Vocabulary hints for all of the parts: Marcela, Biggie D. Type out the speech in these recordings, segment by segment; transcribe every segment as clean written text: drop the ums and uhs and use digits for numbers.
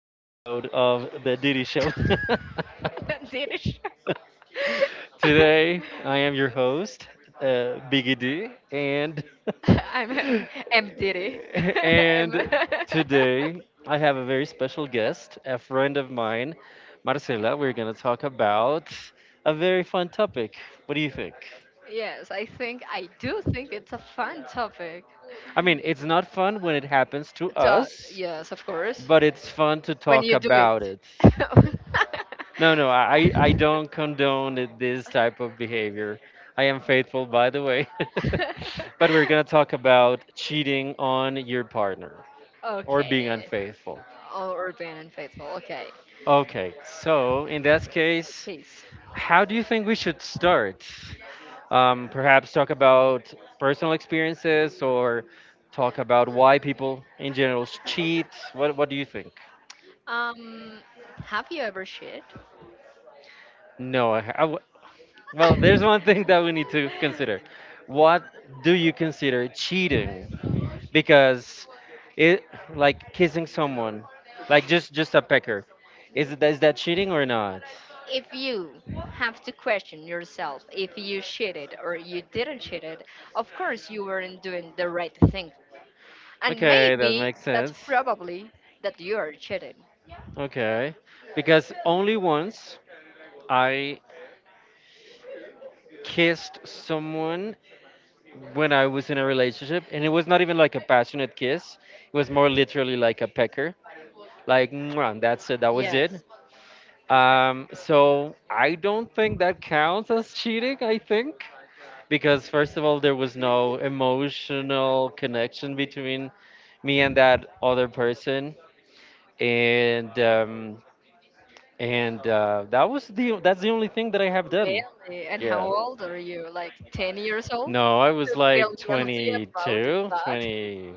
of the Diddy Show. Danish. Today, I am your host, Biggie D, and I'm M. Diddy. M. and today I have a very special guest, a friend of mine, Marcela. We're gonna talk about a very fun topic. What do you think? Yes, I think I do think it's a fun topic. I mean, it's not fun when it happens to us, Yes, of course. but it's fun to When talk you do it. about it. No, no, I don't condone this type of behavior. I am faithful, by the way. But we're going to talk about cheating on your partner or Okay. being unfaithful. Oh, Urban and Faithful. Okay. Okay, so in that case, Please. how do you think we should start? Perhaps talk about personal experiences or talk about why people in general cheat. What do you think? Um, have you ever shit? No, well, there's one thing that we need to consider. What do you consider cheating? Because it like kissing someone, like just a pecker. Is that cheating or not? If you have to question yourself if you shitted or you didn't shit it, of course you weren't doing the right thing. And Okay, that maybe makes that's sense. probably that you are cheating. Okay. Because only once I kissed someone when I was in a relationship, and it was not even like a passionate kiss. It was more literally like a pecker. Like, "Mwah," that's it, that was it. Yes. So I don't think that counts as cheating, I think. Because first of all, there was no emotional connection between me and that other person, and that's the only thing that I have done. Really? And how Yeah. old are you? Like 10 years old? No, I was To feel like guilty about 22, that? 20.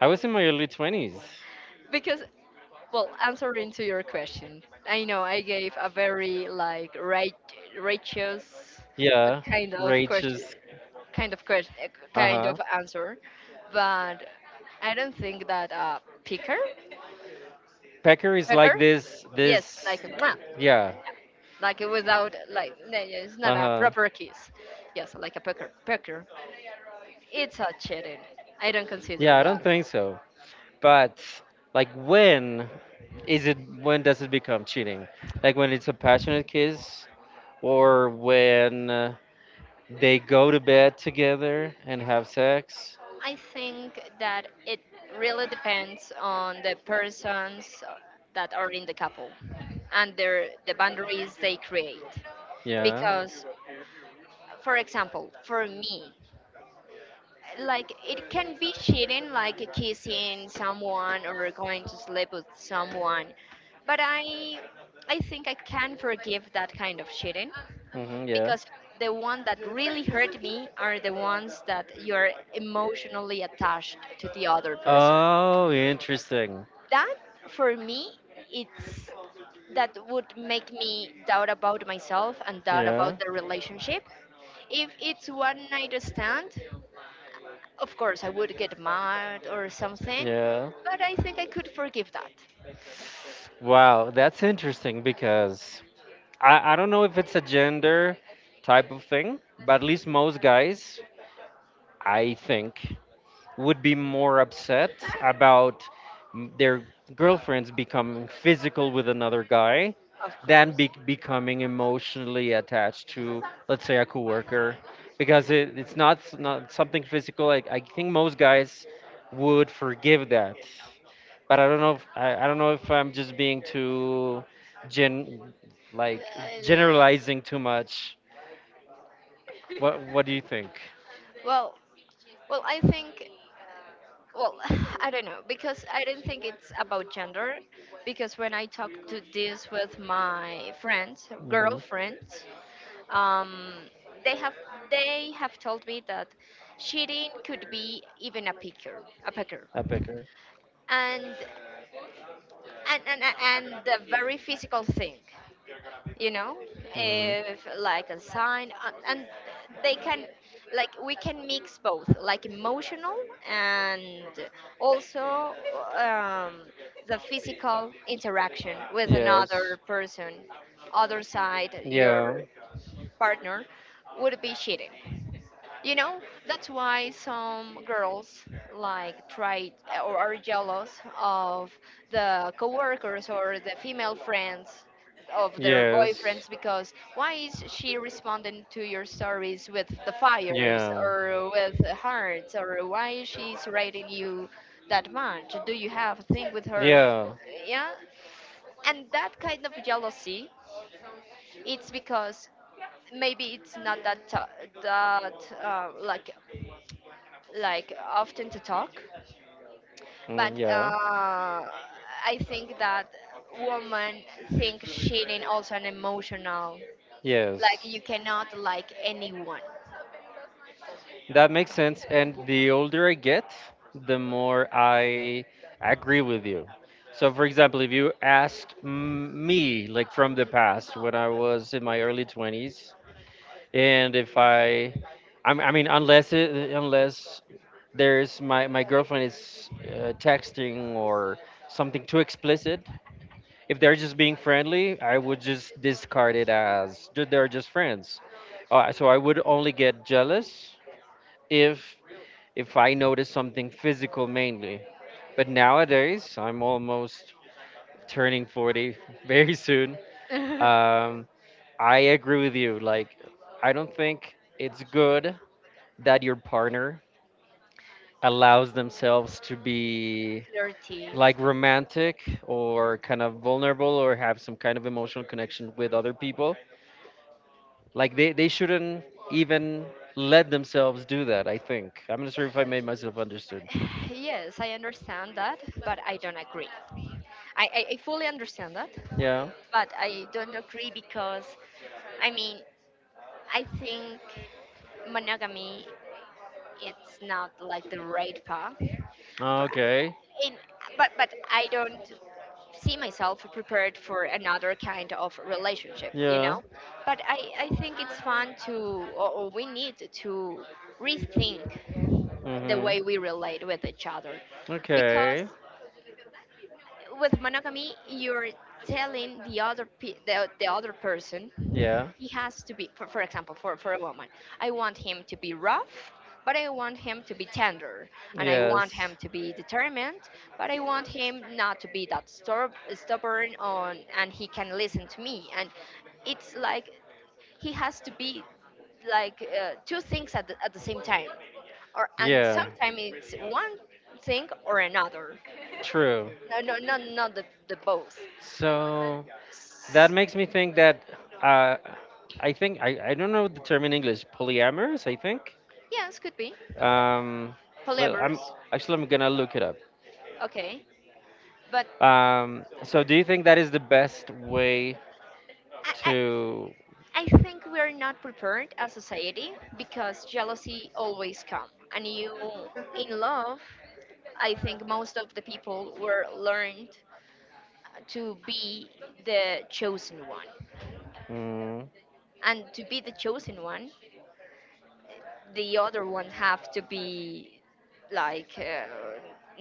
I was in my early 20s. Because, well, answering to your question, I know I gave a very like right, righteous Yeah, kind of Rachel's. kind of question, Uh kind huh. of answer, but I don't think that picker, Pecker is picker, like this. yes, like This. a mwah, Yeah. like without yeah, it's not Uh a huh. proper kiss, yes, like a pecker. It's hot cheating. I don't consider Yeah, I that. don't think so. But like, when is it? When does it become cheating? Like when it's a passionate kiss, or when they go to bed together and have sex. I think that it really depends on the persons that are in the couple and the boundaries they create. Yeah. Because, for example, for me, like it can be cheating, like kissing someone or going to sleep with someone, but I think I can forgive that kind of cheating Yeah. because the one that really hurt me are the ones that you're emotionally attached to the other person. Oh, interesting. That For me, it's that would make me doubt about myself and doubt about Yeah. the relationship. If it's one night stand, of course I would get mad or something, Yeah. but I think I could forgive that. Wow, that's interesting because I don't know if it's a gender type of thing, but at least most guys, I think, would be more upset about their girlfriends becoming physical with another guy Of than course. Becoming emotionally attached to, let's say, a coworker, because it's not something physical. Like I think most guys would forgive that, but I don't know. If, I don't know if I'm just being too gen like Uh, generalizing too much. What do you think? well, well, I think, well, I don't know because I don't think it's about gender. Because when I talk to this with my friends, Hmm. girlfriends, um, they have they have told me that cheating could be even a picker, a pecker, A picker. and and the very physical thing, you know, if like a sign and they can, like we can mix both like emotional and also um, the physical interaction with Yes. another person, other side your Yeah. partner would be cheating, you know, that's why some girls like try or are jealous of the coworkers or the female friends of their Yes. boyfriends because why is she responding to your stories with the fires Yeah. or with the hearts or why is she's rating you that much? Do you have a thing with her? Yeah? Yeah, and that kind of jealousy, it's because maybe it's not that like often to talk but Mm, yeah. I think that women think cheating also an emotional, Yes. like you cannot like anyone. That makes sense. And the older I get, the more I agree with you. So, for example, if you asked me, like from the past, when I was in my early 20s, and if I, I'm- I mean, unless unless there's my girlfriend is texting or something too explicit, if they're just being friendly, I would just discard it as "Dude, they're just friends. So I would only get jealous if I notice something physical mainly. But nowadays, I'm almost turning 40 very soon. Um, I agree with you. Like, I don't think it's good that your partner allows themselves to be Flirty. like romantic or kind of vulnerable or have some kind of emotional connection with other people. Like, they shouldn't even let themselves do that, I think. I'm not sure if I made myself understood. Yes, I understand that but I don't agree. I fully understand that Yeah. but I don't agree because I mean I think monogamy it's not like the right path, but, Okay. in, but I don't see myself prepared for another kind of relationship, you Yeah, know, but but I think it's fun to or we need to rethink the way we relate with each other other. because Okay. with monogamy you're telling the other the other person Yeah. he has to be for example for a woman, I want him to be rough but I want him to be tender and I want him to be determined but I want him not to be that stubborn on and he can listen to me and it's like he has to be like two things at at the same time or and Yeah, sometimes it's one thing or another, true. No not the both. So that S- makes me think that uh, I think I don't know the term in English, polyamorous, I think. yes, could be Um, but I'm polyamorous. actually, I'm gonna look it up. Okay but So do you think that is the best way I, to I think we are not prepared as society because jealousy always comes. And you in love, I think most of the people were learned to be the chosen one. mm, And to be the chosen one, the other one have to be like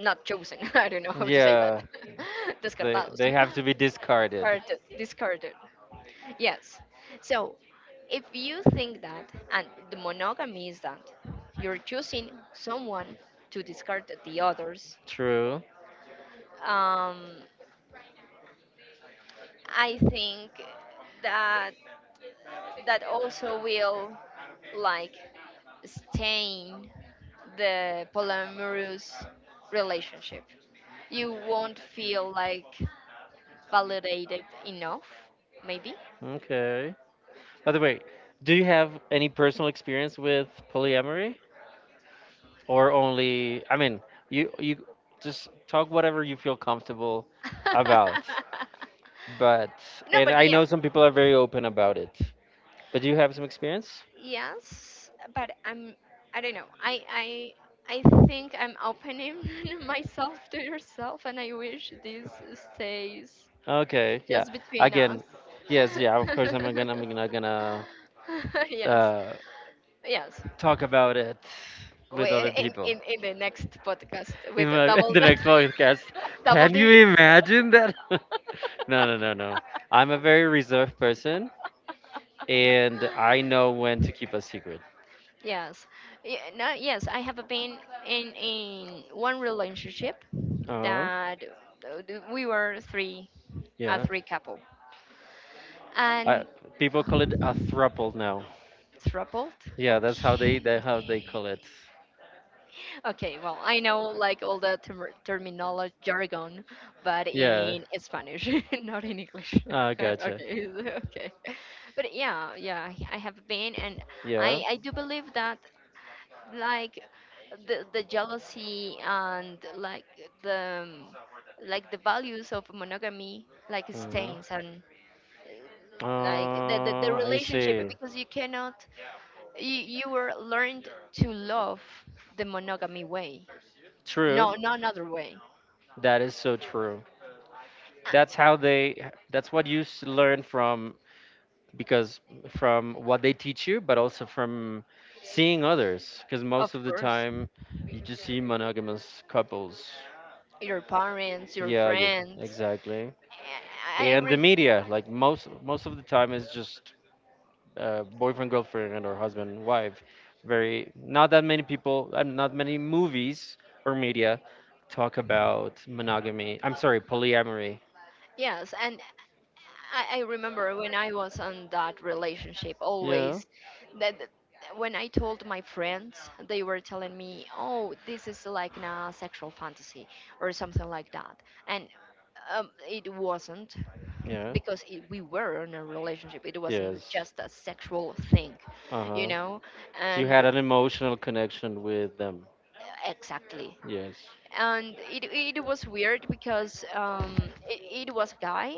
not chosen. I don't know how to say yeah, that. they Descartados. they have to be Discarded. discarded. Discarded. Yes. So if you think that, and the monogamy is that, you're choosing someone to discard the others, True. um, I think that that also will like stain the polyamorous relationship. You won't feel like validated enough, maybe. Okay. By the way, do you have any personal experience with polyamory or only I mean, you just talk whatever you feel comfortable about. But No, and but I yeah, know some people are very open about it. But do you have some experience? yes, but I don't know. I think I'm opening myself to yourself and I wish this stays Okay, yeah. just between us. Again, yes, yeah, of course I'm not gonna I'm not gonna yeah. Yes. Yes. Talk about it with, We, like, in, other people. in in the next podcast In with a my double the next podcast. double Can you D. imagine that? No, no, no, no. I'm a very reserved person, and I know when to keep a secret. Yes. Yeah, no, yes, I have been in one relationship Oh, that uh, we were three. A yeah. three couple. I, And People call it a thruple now. troubled? Yeah, that's how they Okay. Call it. Okay, well, I know like all the terminology jargon, but Yeah. in Spanish, not in English. Ah, gotcha. Okay. Okay. But yeah, yeah, I have been, and Yeah. I do believe that like the jealousy and the um, like the values of monogamy like Mhm. stains and like the I relationship see. because you cannot, you, you were learned to love the monogamy way, True. no another way. That is so true. Uh, That's how they. That's what you learn from because from what they teach you, but also from seeing others, because Of most of the course, time you just see monogamous couples. your parents, your Yeah, yeah, friends. exactly. I, I And the rem- media, like most of the time, is just boyfriend girlfriend or husband and wife. Very not that many people, not many movies or media talk about monogamy. I'm sorry, polyamory. yes, and I remember when I was on that relationship Yeah, always that when I told my friends, they were telling me, "Oh, this is like a sexual fantasy or something like that," and it wasn't. yeah, Because it, we were in a relationship it wasn't yes. just a sexual thing, Uh you huh. know, So you and had an emotional connection with them. Exactly. Yes. And it was weird because it was a guy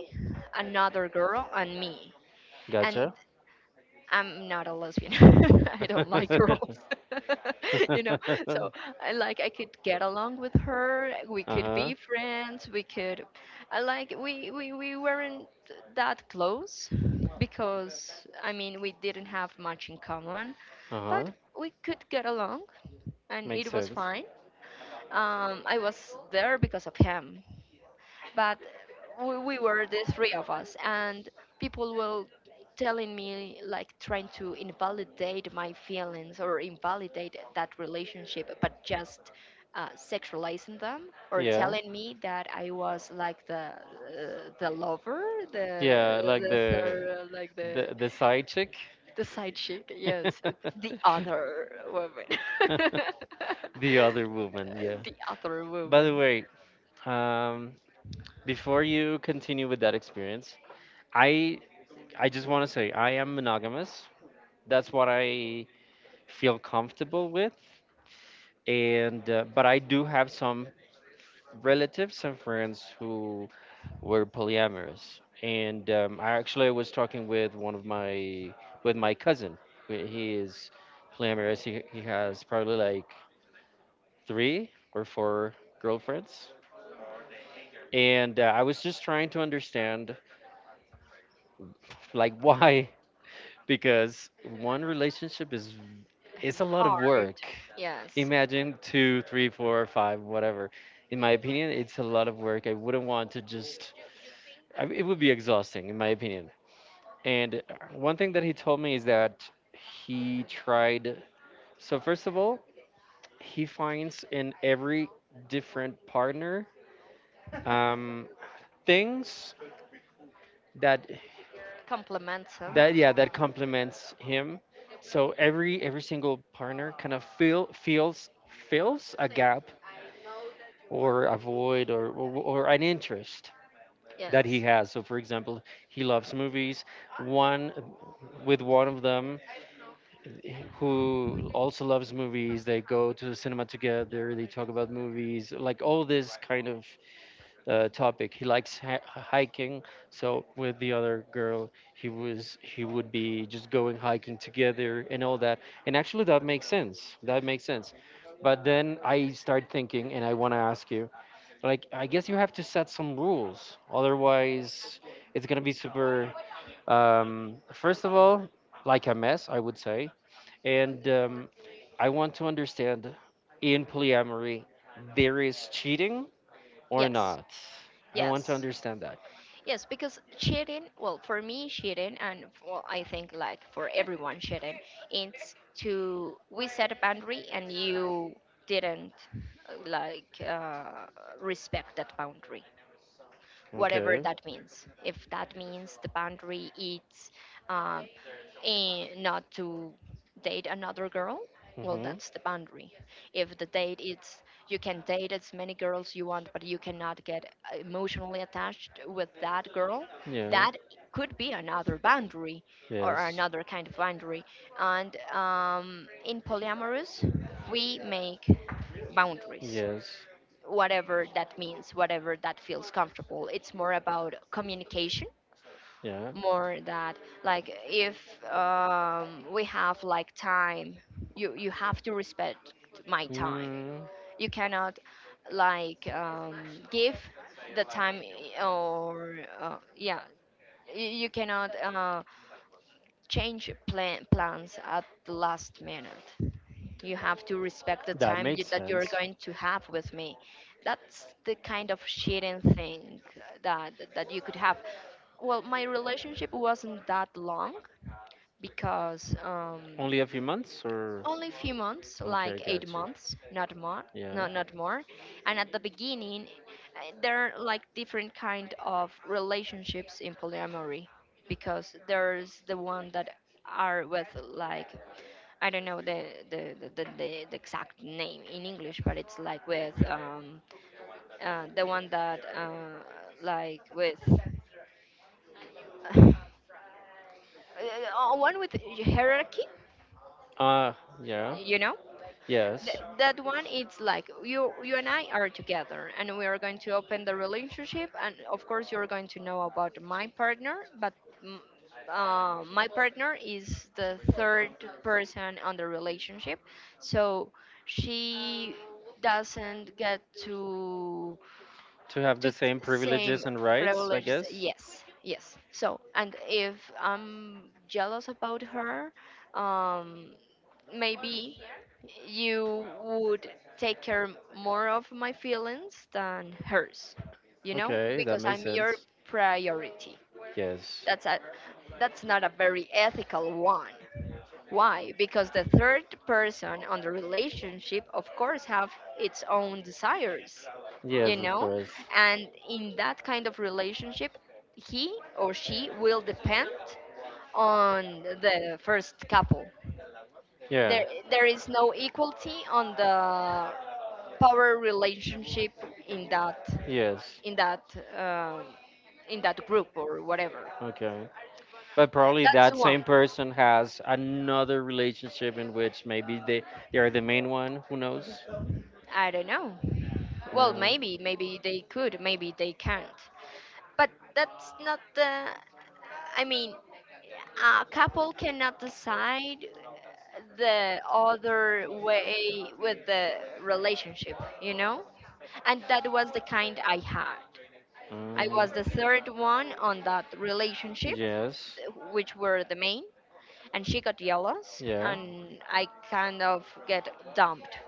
another girl and me and Gotcha. I'm not a lesbian. I don't like girls. You know, so I like I could get along with her. We could Uh-huh. be friends. We could, I like we weren't that close because I mean we didn't have much in common, but Uh-huh. we could get along and Makes it was sense. fine. I was there because of him but we were the three of us and people were telling me like trying to invalidate my feelings or invalidate that relationship but just sexualizing them or Yeah. telling me that I was like the lover, Yeah, like the the third, like the the side chick. the side chick, yes, the other woman. The other woman, yeah. The other By the woman. way, um, before you continue with that experience, I I just want to say I am monogamous. That's what I feel comfortable with, and but I do have some relatives and friends who were polyamorous, and I actually was talking with one of my with my cousin. He is polyamorous. He has probably like three or four girlfriends, and I was just trying to understand like why because one relationship is it's a lot of Hard, work. yes. Imagine two three four five whatever. In my opinion, it's a lot of work. I wouldn't want to just, it would be exhausting in my opinion. And one thing that he told me is that he tried. So first of all, he finds in every different partner um, things that Complements him, that yeah, that complements him. So every single partner kind of feel feels fills a gap or a void, or an interest that he yes. has. So for example, he loves movies. One With one of them who also loves movies. They go to the cinema together. They talk about movies, like all this kind of topic. He likes hiking, so with the other girl, he would be just going hiking together and all that. And actually, that makes sense. That makes sense. But then I start thinking, and I want to ask you, like, I guess you have to set some rules. Otherwise, it's gonna be super. First of all, like a mess, I would say. And I want to understand, in polyamory, there is cheating or Yes, not? I want to yes, understand that. yes, because cheating, well, for me, cheating, and well, I think like for everyone, cheating, it's to we set a boundary and you didn't uh, like uh, respect that boundary, whatever Okay. that means. If that means the boundary is and not to date another girl, well hmm that's the boundary. If the date is you can date as many girls you want but you cannot get emotionally attached with that girl, Yeah. that could be another boundary or Yes. another kind of boundary. And in polyamorous we make boundaries, Yes. whatever that means, whatever that feels comfortable, it's more about communication, Yeah. more that like if we have like time, you have to respect my time, Mm, you cannot like give the time I- or yeah, you cannot change plans at the last minute, you have to respect the that time makes that you're sense. going to have with me. That's the kind of cheating thing that you could have. Well my relationship wasn't that long because Only a few months or? only a few months, Okay, like eight gotcha. months, not more, Yeah. not not more. And at the beginning, there are like different kind of relationships in polyamory, because there's the one that are with like I don't know the the exact name in English, but it's like with the one that like with uh, one with hierarchy, Ah, yeah. you know. Yes. That one it's like you and I are together and we are going to open the relationship and of course you're going to know about my partner but mm, my partner is the third person on the relationship, so she doesn't get To have the to same same privileges and rights, I privileges, guess. yes, yes, so and if I'm jealous about her, um maybe you would take care more of my feelings than hers, you know, Okay, that because makes I'm your sense. priority. Yes. That's a that's not a very ethical one. Why? Because the third person on the relationship of course have its own desires, you Yes, of know, course. and in that kind of relationship he or she will depend on the first couple. Yeah. there there is no equality on the power relationship in that, Yes. in that um, in that group or whatever. Okay. But probably That's that one. same person has another relationship in which maybe they are the main one. Who knows? I don't know, well Mm, maybe maybe they could maybe they can't. But that's not the. I mean, a couple cannot decide the other way with the relationship, you know? And that was the kind I had. I mm, was the third one on that relationship, yes. Which were the main, and she got jealous, Yeah. and I kind of get dumped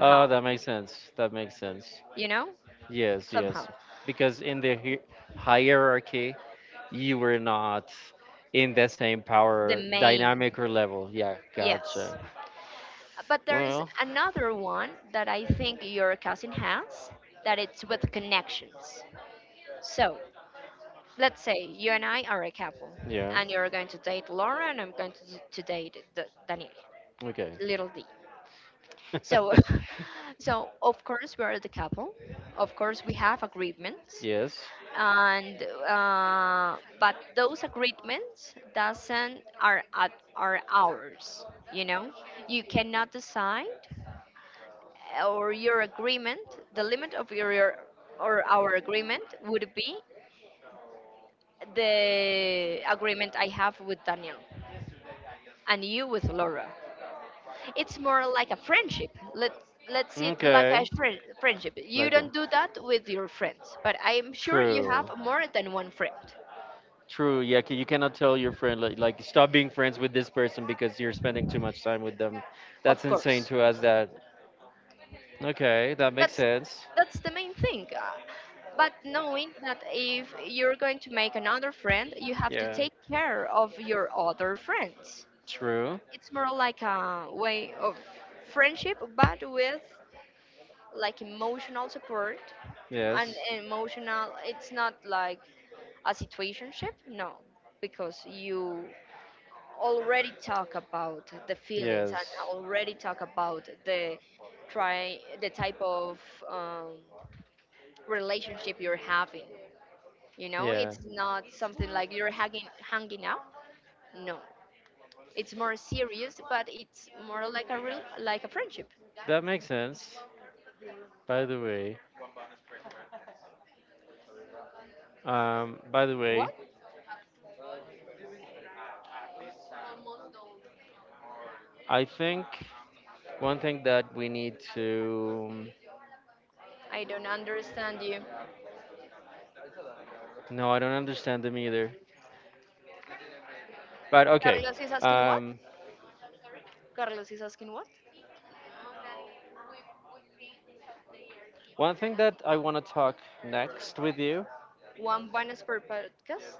Oh, that makes sense. That makes sense. you know? Yes. Yes. Somehow. Because in the hierarchy, you were not in the same The power main, dynamic or level. Yeah. yes. Gotcha. But there is Well, another one that I think your cousin has, that it's with connections. So let's say you and I are a couple, yeah. and you're going to date Laura, and I'm going to date Daniel, Okay. little D. So, so of course we are the couple. Of course we have agreements, Yes. and but those agreements doesn't are at are ours. You know, you cannot decide. Or your agreement, the limit of your or our agreement would be the agreement I have with Daniel and you with Laura. It's more like a friendship. Let's see it like a Okay. Friendship. You Like a don't do that with your friends, but I'm sure you have true, more than one friend. true. Yeah, 'cause you cannot tell your friend, like, stop being friends with this person because you're spending too much time with them. That's Of insane course, to us. That Okay. That makes that's sense. that's the main thing. But knowing that if you're going to make another friend, you have to Yeah. take care of your other friends. True. It's more like a way of friendship, but with like emotional support and Yes. emotional. It's not like a situationship, no, because you already talk about the feelings and Yes. already talk about the try the type of um, relationship you're having. You know, Yeah. it's not something like you're hanging out. No, it's more serious, but it's more like a real like a friendship. That makes sense. By the way, um, by the way, What? I think one thing that we need to. I don't understand you. No, I don't understand them either. But okay. Carlos is asking what? Um, Carlos is asking what? one thing that I want to talk next with you, One bonus per podcast?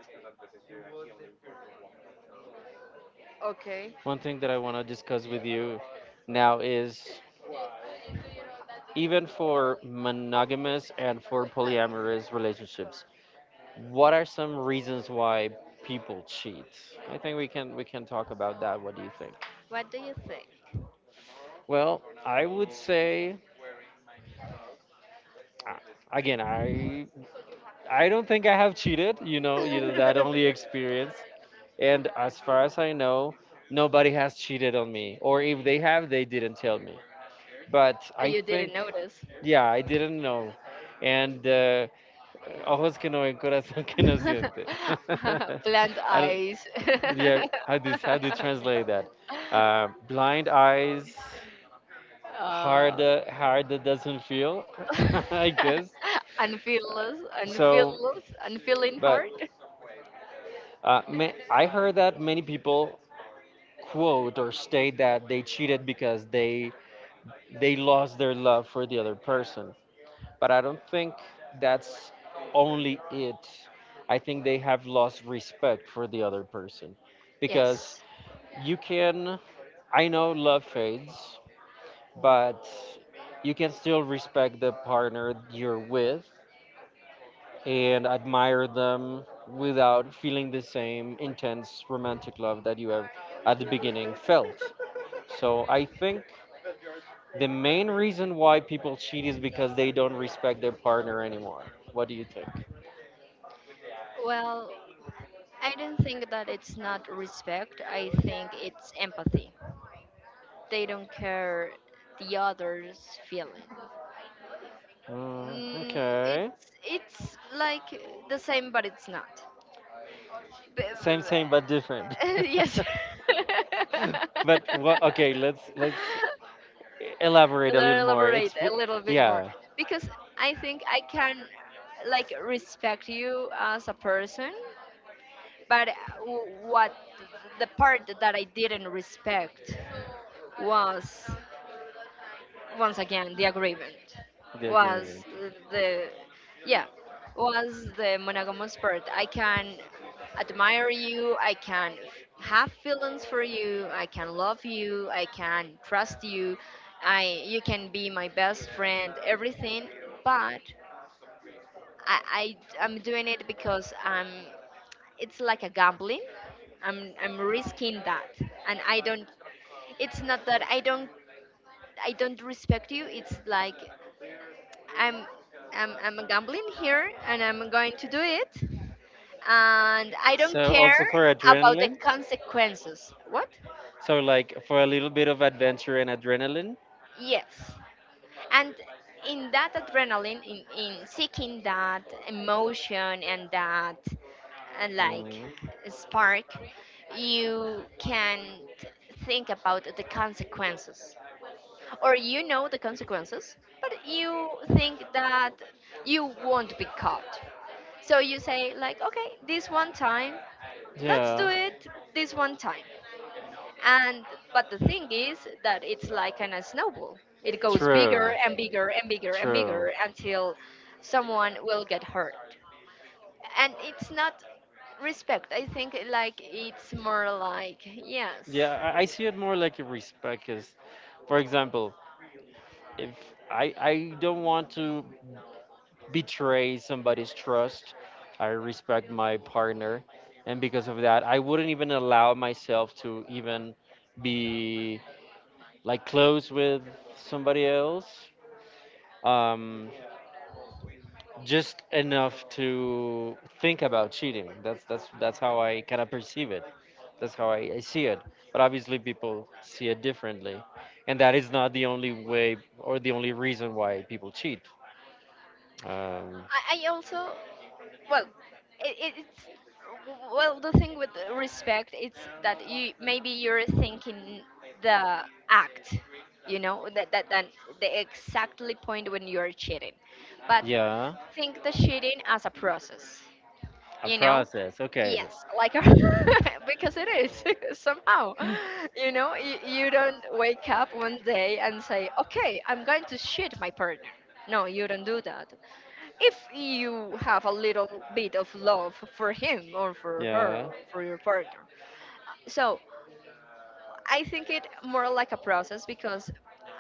Okay. one thing that I want to discuss with you now, is even for monogamous and for polyamorous relationships, what are some reasons why people cheat? I think we can talk about that. What do you think? What do you think? Well, I would say uh, again, I don't think I have cheated. You know that only experience. And as far as I know, nobody has cheated on me, or if they have, they didn't tell me. But But I you didn't think, notice. yeah, I didn't know. And ojos que no ven, corazón que no siente. Plant I don't. eyes. Yeah, how do you translate that? Blind eyes, uh, hard that doesn't feel, I guess. So, unfeeling but heart. I heard that many people quote or state that they cheated because they lost their love for the other person. But I don't think that's only it. I think they have lost respect for the other person because Yes. you can I know love fades, but you can still respect the partner you're with and admire them without feeling the same intense romantic love that you have at the beginning felt. So I think the main reason why people cheat is because they don't respect their partner anymore. What do you think? Well, I don't think that it's not respect. I think it's empathy. They don't care the other's feeling. Mm, Mm, okay. it's it's like the same, but it's not. B- Same, same, but different. Yes. But what? Okay, let's elaborate a little more. Elaborate a little bit more Yeah. because I think I can like respect you as a person, but w- what th- the part that I didn't The respect was once again the agreement wow. was Agreement. the yeah was the monogamous part. I can admire you, I can have feelings for you, I can love you, I can trust you, I you can be my best friend, everything. But I I'm doing it because I'm it's like a gambling. I'm risking that, and I don't it's not that I don't respect you. It's like I'm I'm gambling here and I'm going to do it and I don't So care also for about the adrenaline. consequences. What? So like for a little bit of adventure and adrenaline. Yes. And in that adrenaline, in seeking that emotion and that like Mm. spark, you can think about the consequences. Or you know the consequences, but you think that you won't be caught. So you say like, okay, this one time, let's do Yeah. it this one time. And But the thing is that it's like a snowball. It goes bigger True. and bigger and bigger and True. bigger until someone will get hurt. And it's not respect. I think like it's more like yes. Yeah, I see it more like a respect. Cause, for example, if I don't want to betray somebody's trust, I respect my partner, and because of that, I wouldn't even allow myself to even be like close with somebody else. Um, just enough to think about cheating. That's how I kind of perceive it. That's how I see it. But obviously, people see it differently, and that is not the only way or the only reason why people cheat. Um, I also well it's well the thing with respect it's that you maybe you're thinking the act. You know that that the exactly point when you're cheating, but yeah, think the cheating as a process. a You know, process. Okay. yes, like a because it is somehow. You know, you don't wake up one day and say okay, I'm going to cheat my partner. No, you don't do that if you have a little bit of love for him or for her Yeah, or for your partner. So I think it more like a process because,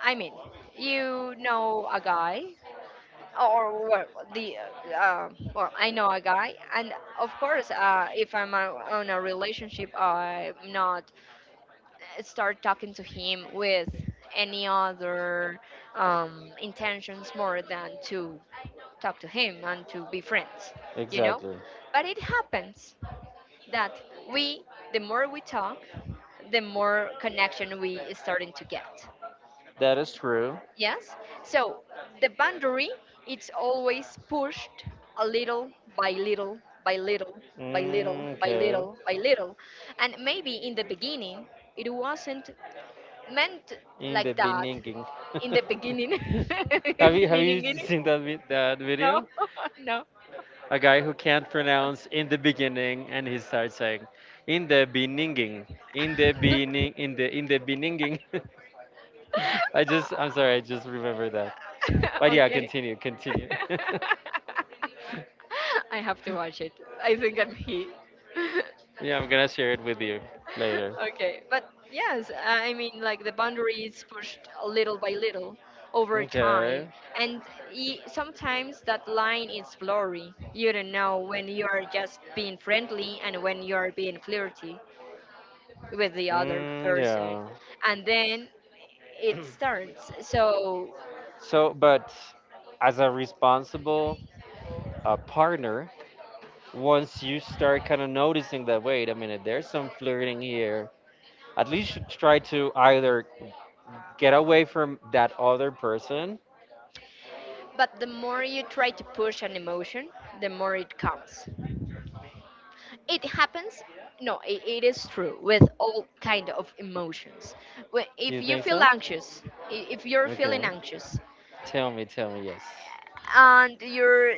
I mean, you know a guy or well, the well I know a guy. And of course if I'm on a relationship I'm not start talking to him with any other intentions more than to talk to him and to be friends, you know? exactly. But it happens that we, the more we talk, the more connection we starting to get. That is true. Yes? So the boundary, it's always pushed a little by little by little by little Mm, by okay. little by little. And maybe in the beginning, it wasn't meant In the like that beginning. in the beginning. have you have Beginning, you beginning. seen that that No, video? A guy who can't pronounce in the beginning and he starts saying in the beginning, in the no. beginning, in the beginning. I'm sorry, I just remember that. But yeah, okay. continue, continue. I have to watch it. I think I'm here. Yeah, I'm gonna share it with you later. okay, but yes, I mean, like the boundaries pushed a little by little over time, Okay. and sometimes that line is blurry. You don't know when you are just being friendly and when you are being flirty with the other Mm, person, yeah. and then it starts. So So, but as a responsible partner, once you start kind of noticing that, wait a minute, there's some flirting here, at least you try to either get away from that other person. But the more you try to push an emotion, the more it comes. It happens. No, it is true with all kind of emotions. Do If you you think feel so? anxious, if you're feeling Okay. anxious, Tell me, yes. and you're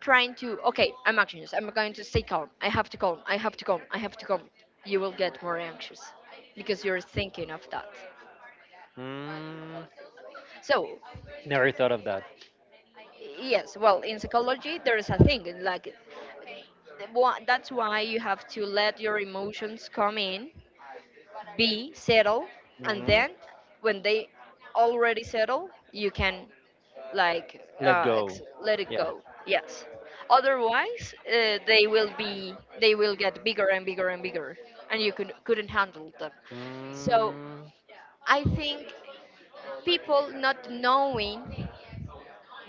trying to, okay, I'm anxious. I'm going to stay calm. I have to calm. I have to calm. I have to calm. You will get more anxious because you're thinking of that. Mm, So never thought of that. Yes, well, in psychology, there is a thing like that's why you have to let your emotions come in, be settle, and Mhm. then when they already settle, you can like Let go. let it Yeah. go. Yes. Otherwise, they will get bigger and bigger and bigger, and you couldn't handle them. So Mm, I think people not knowing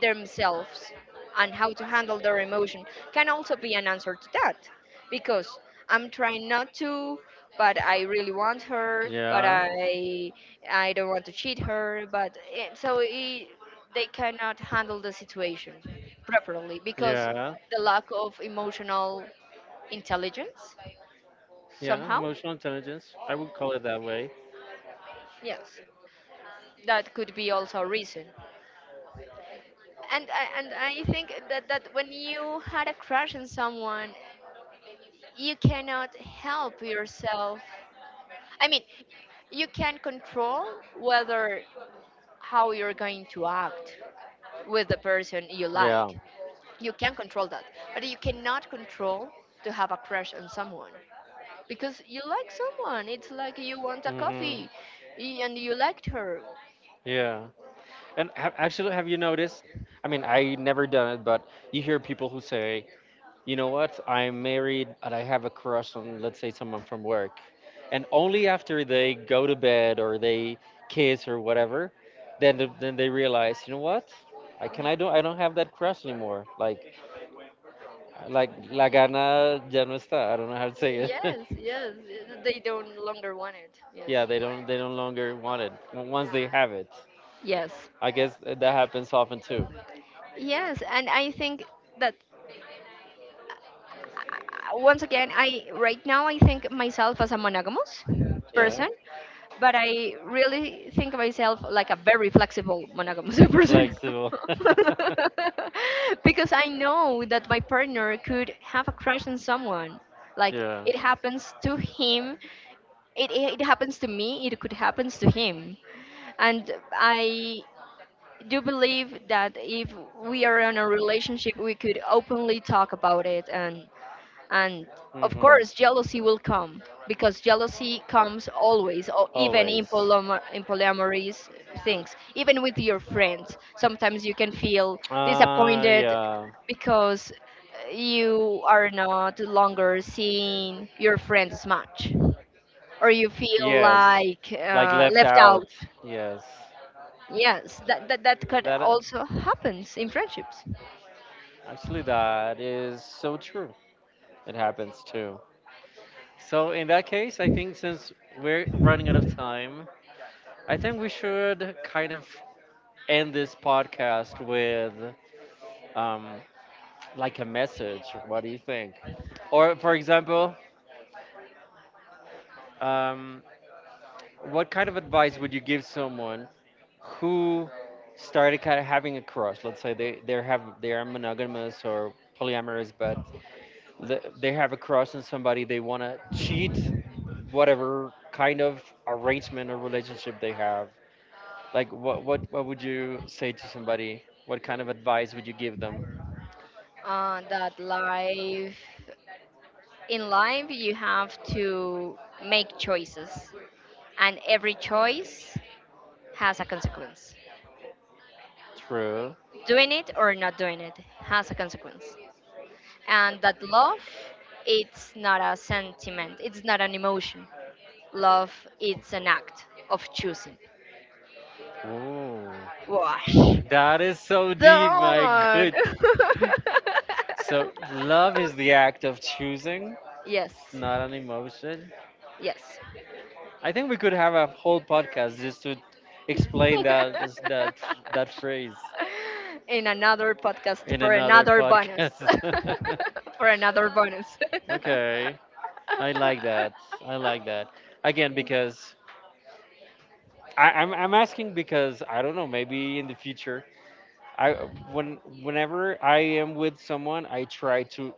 themselves and how to handle their emotion can also be an answer to that because I'm trying not to, but I really want her, but yeah. I don't want to cheat her, but it, they cannot handle the situation properly because Yeah. the lack of emotional intelligence Yeah. somehow. Emotional intelligence. I would call it that way. Yes, that could be also a reason. And I think that, that when you had a crush on someone you cannot help yourself. I mean, you can control whether how you're going to act with the person you Yeah. like. You can control that, but you cannot control to have a crush on someone because you like someone. It's like you want a Hmm. coffee and you liked her. Yeah. And actually, have you noticed? I mean, I never done it, but you hear people who say, you know what? I'm married and I have a crush on, let's say, someone from work. And only after they go to bed or they kiss or whatever, then then they realize, you know what? I don't have that crush anymore. Like la gana ya no está. I don't know how to say it. Yes, yes, they don't longer want it. Yes. Yeah, they no longer want it once they have it. Yes, I guess that happens often too. Yes, and I think that once again, I right now I think myself as a monogamous Yeah. person, but I really think myself like a very flexible monogamous person. Flexible. Because I know that my partner could have a crush on someone like Yeah. it happens to him. It happens to me, it could happens to him, and I do you believe that if we are in a relationship we could openly talk about it and of Hmm. course jealousy will come because jealousy comes always or even in, Always. In polyamorous things. Even with your friends sometimes you can feel disappointed Yeah. because you are not longer seeing your friends much, or you feel Yes. like Like left left out. out. Yes. Yes, that that could That also happens in friendships. actually that is so true. It happens too. So in that case, I think since we're running out of time, I think we should kind of end this podcast with um, like a message. What do you think? Or, for example, um, what kind of advice would you give someone who started kind of having a crush? Let's say they are monogamous or polyamorous, but they have a crush on somebody. They want to cheat, whatever kind of arrangement or relationship they have. Like, what would you say to somebody? What kind of advice would you give them? That life, in life you have to make choices, and every choice has a consequence. True. Doing it or not doing it has a consequence, and that love, it's not a sentiment, it's not an emotion. Love, it's an act of choosing. Ooh. Wash, That is so deep, my done. good. So, love is the act of choosing, Yes. not an emotion. Yes. I think we could have a whole podcast just to explain that that that phrase In another podcast in for another another bonus. podcast. For another bonus. Okay, I like that. I like that. Again, because I'm asking because I don't know. Maybe in the future, I when whenever I am with someone, I try to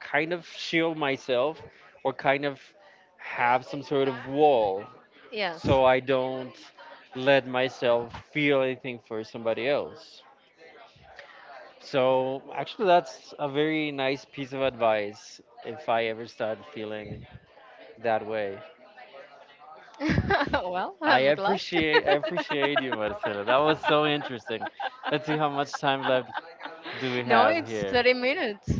kind of shield myself or kind of have some sort of wall yes. so I don't let myself feel anything for somebody else. So actually that's a very nice piece of advice if I ever start feeling that way. well, I'm glad. I appreciate you Marcelo. That was so interesting. Let's see how much time left do we No, have it's here? 30 minutes.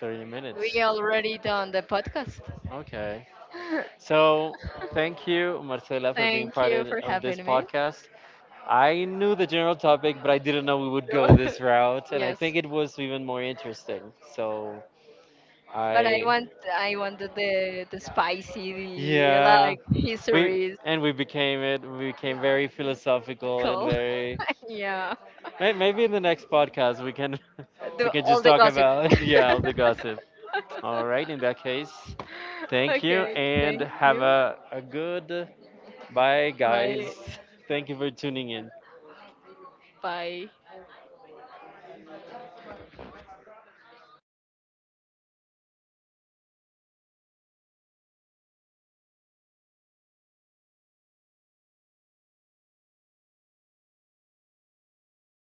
30 minutes. We already done the podcast. Okay. So, thank you, Marcela, for being Thank part you of for this having me. podcast. I knew the general topic, but I didn't know we would go this route, and I yes. think it was even more interesting. So, But I I, want I wanted the spicy, the yeah, like we histories, and we became it. We became very philosophical and cool. very yeah. Maybe in the next podcast we can we can All just the talk gossip. about yeah all the gossip. All right, in that case, thank you okay, and thank have you. A good bye, guys. Bye. Thank you for tuning in. Bye.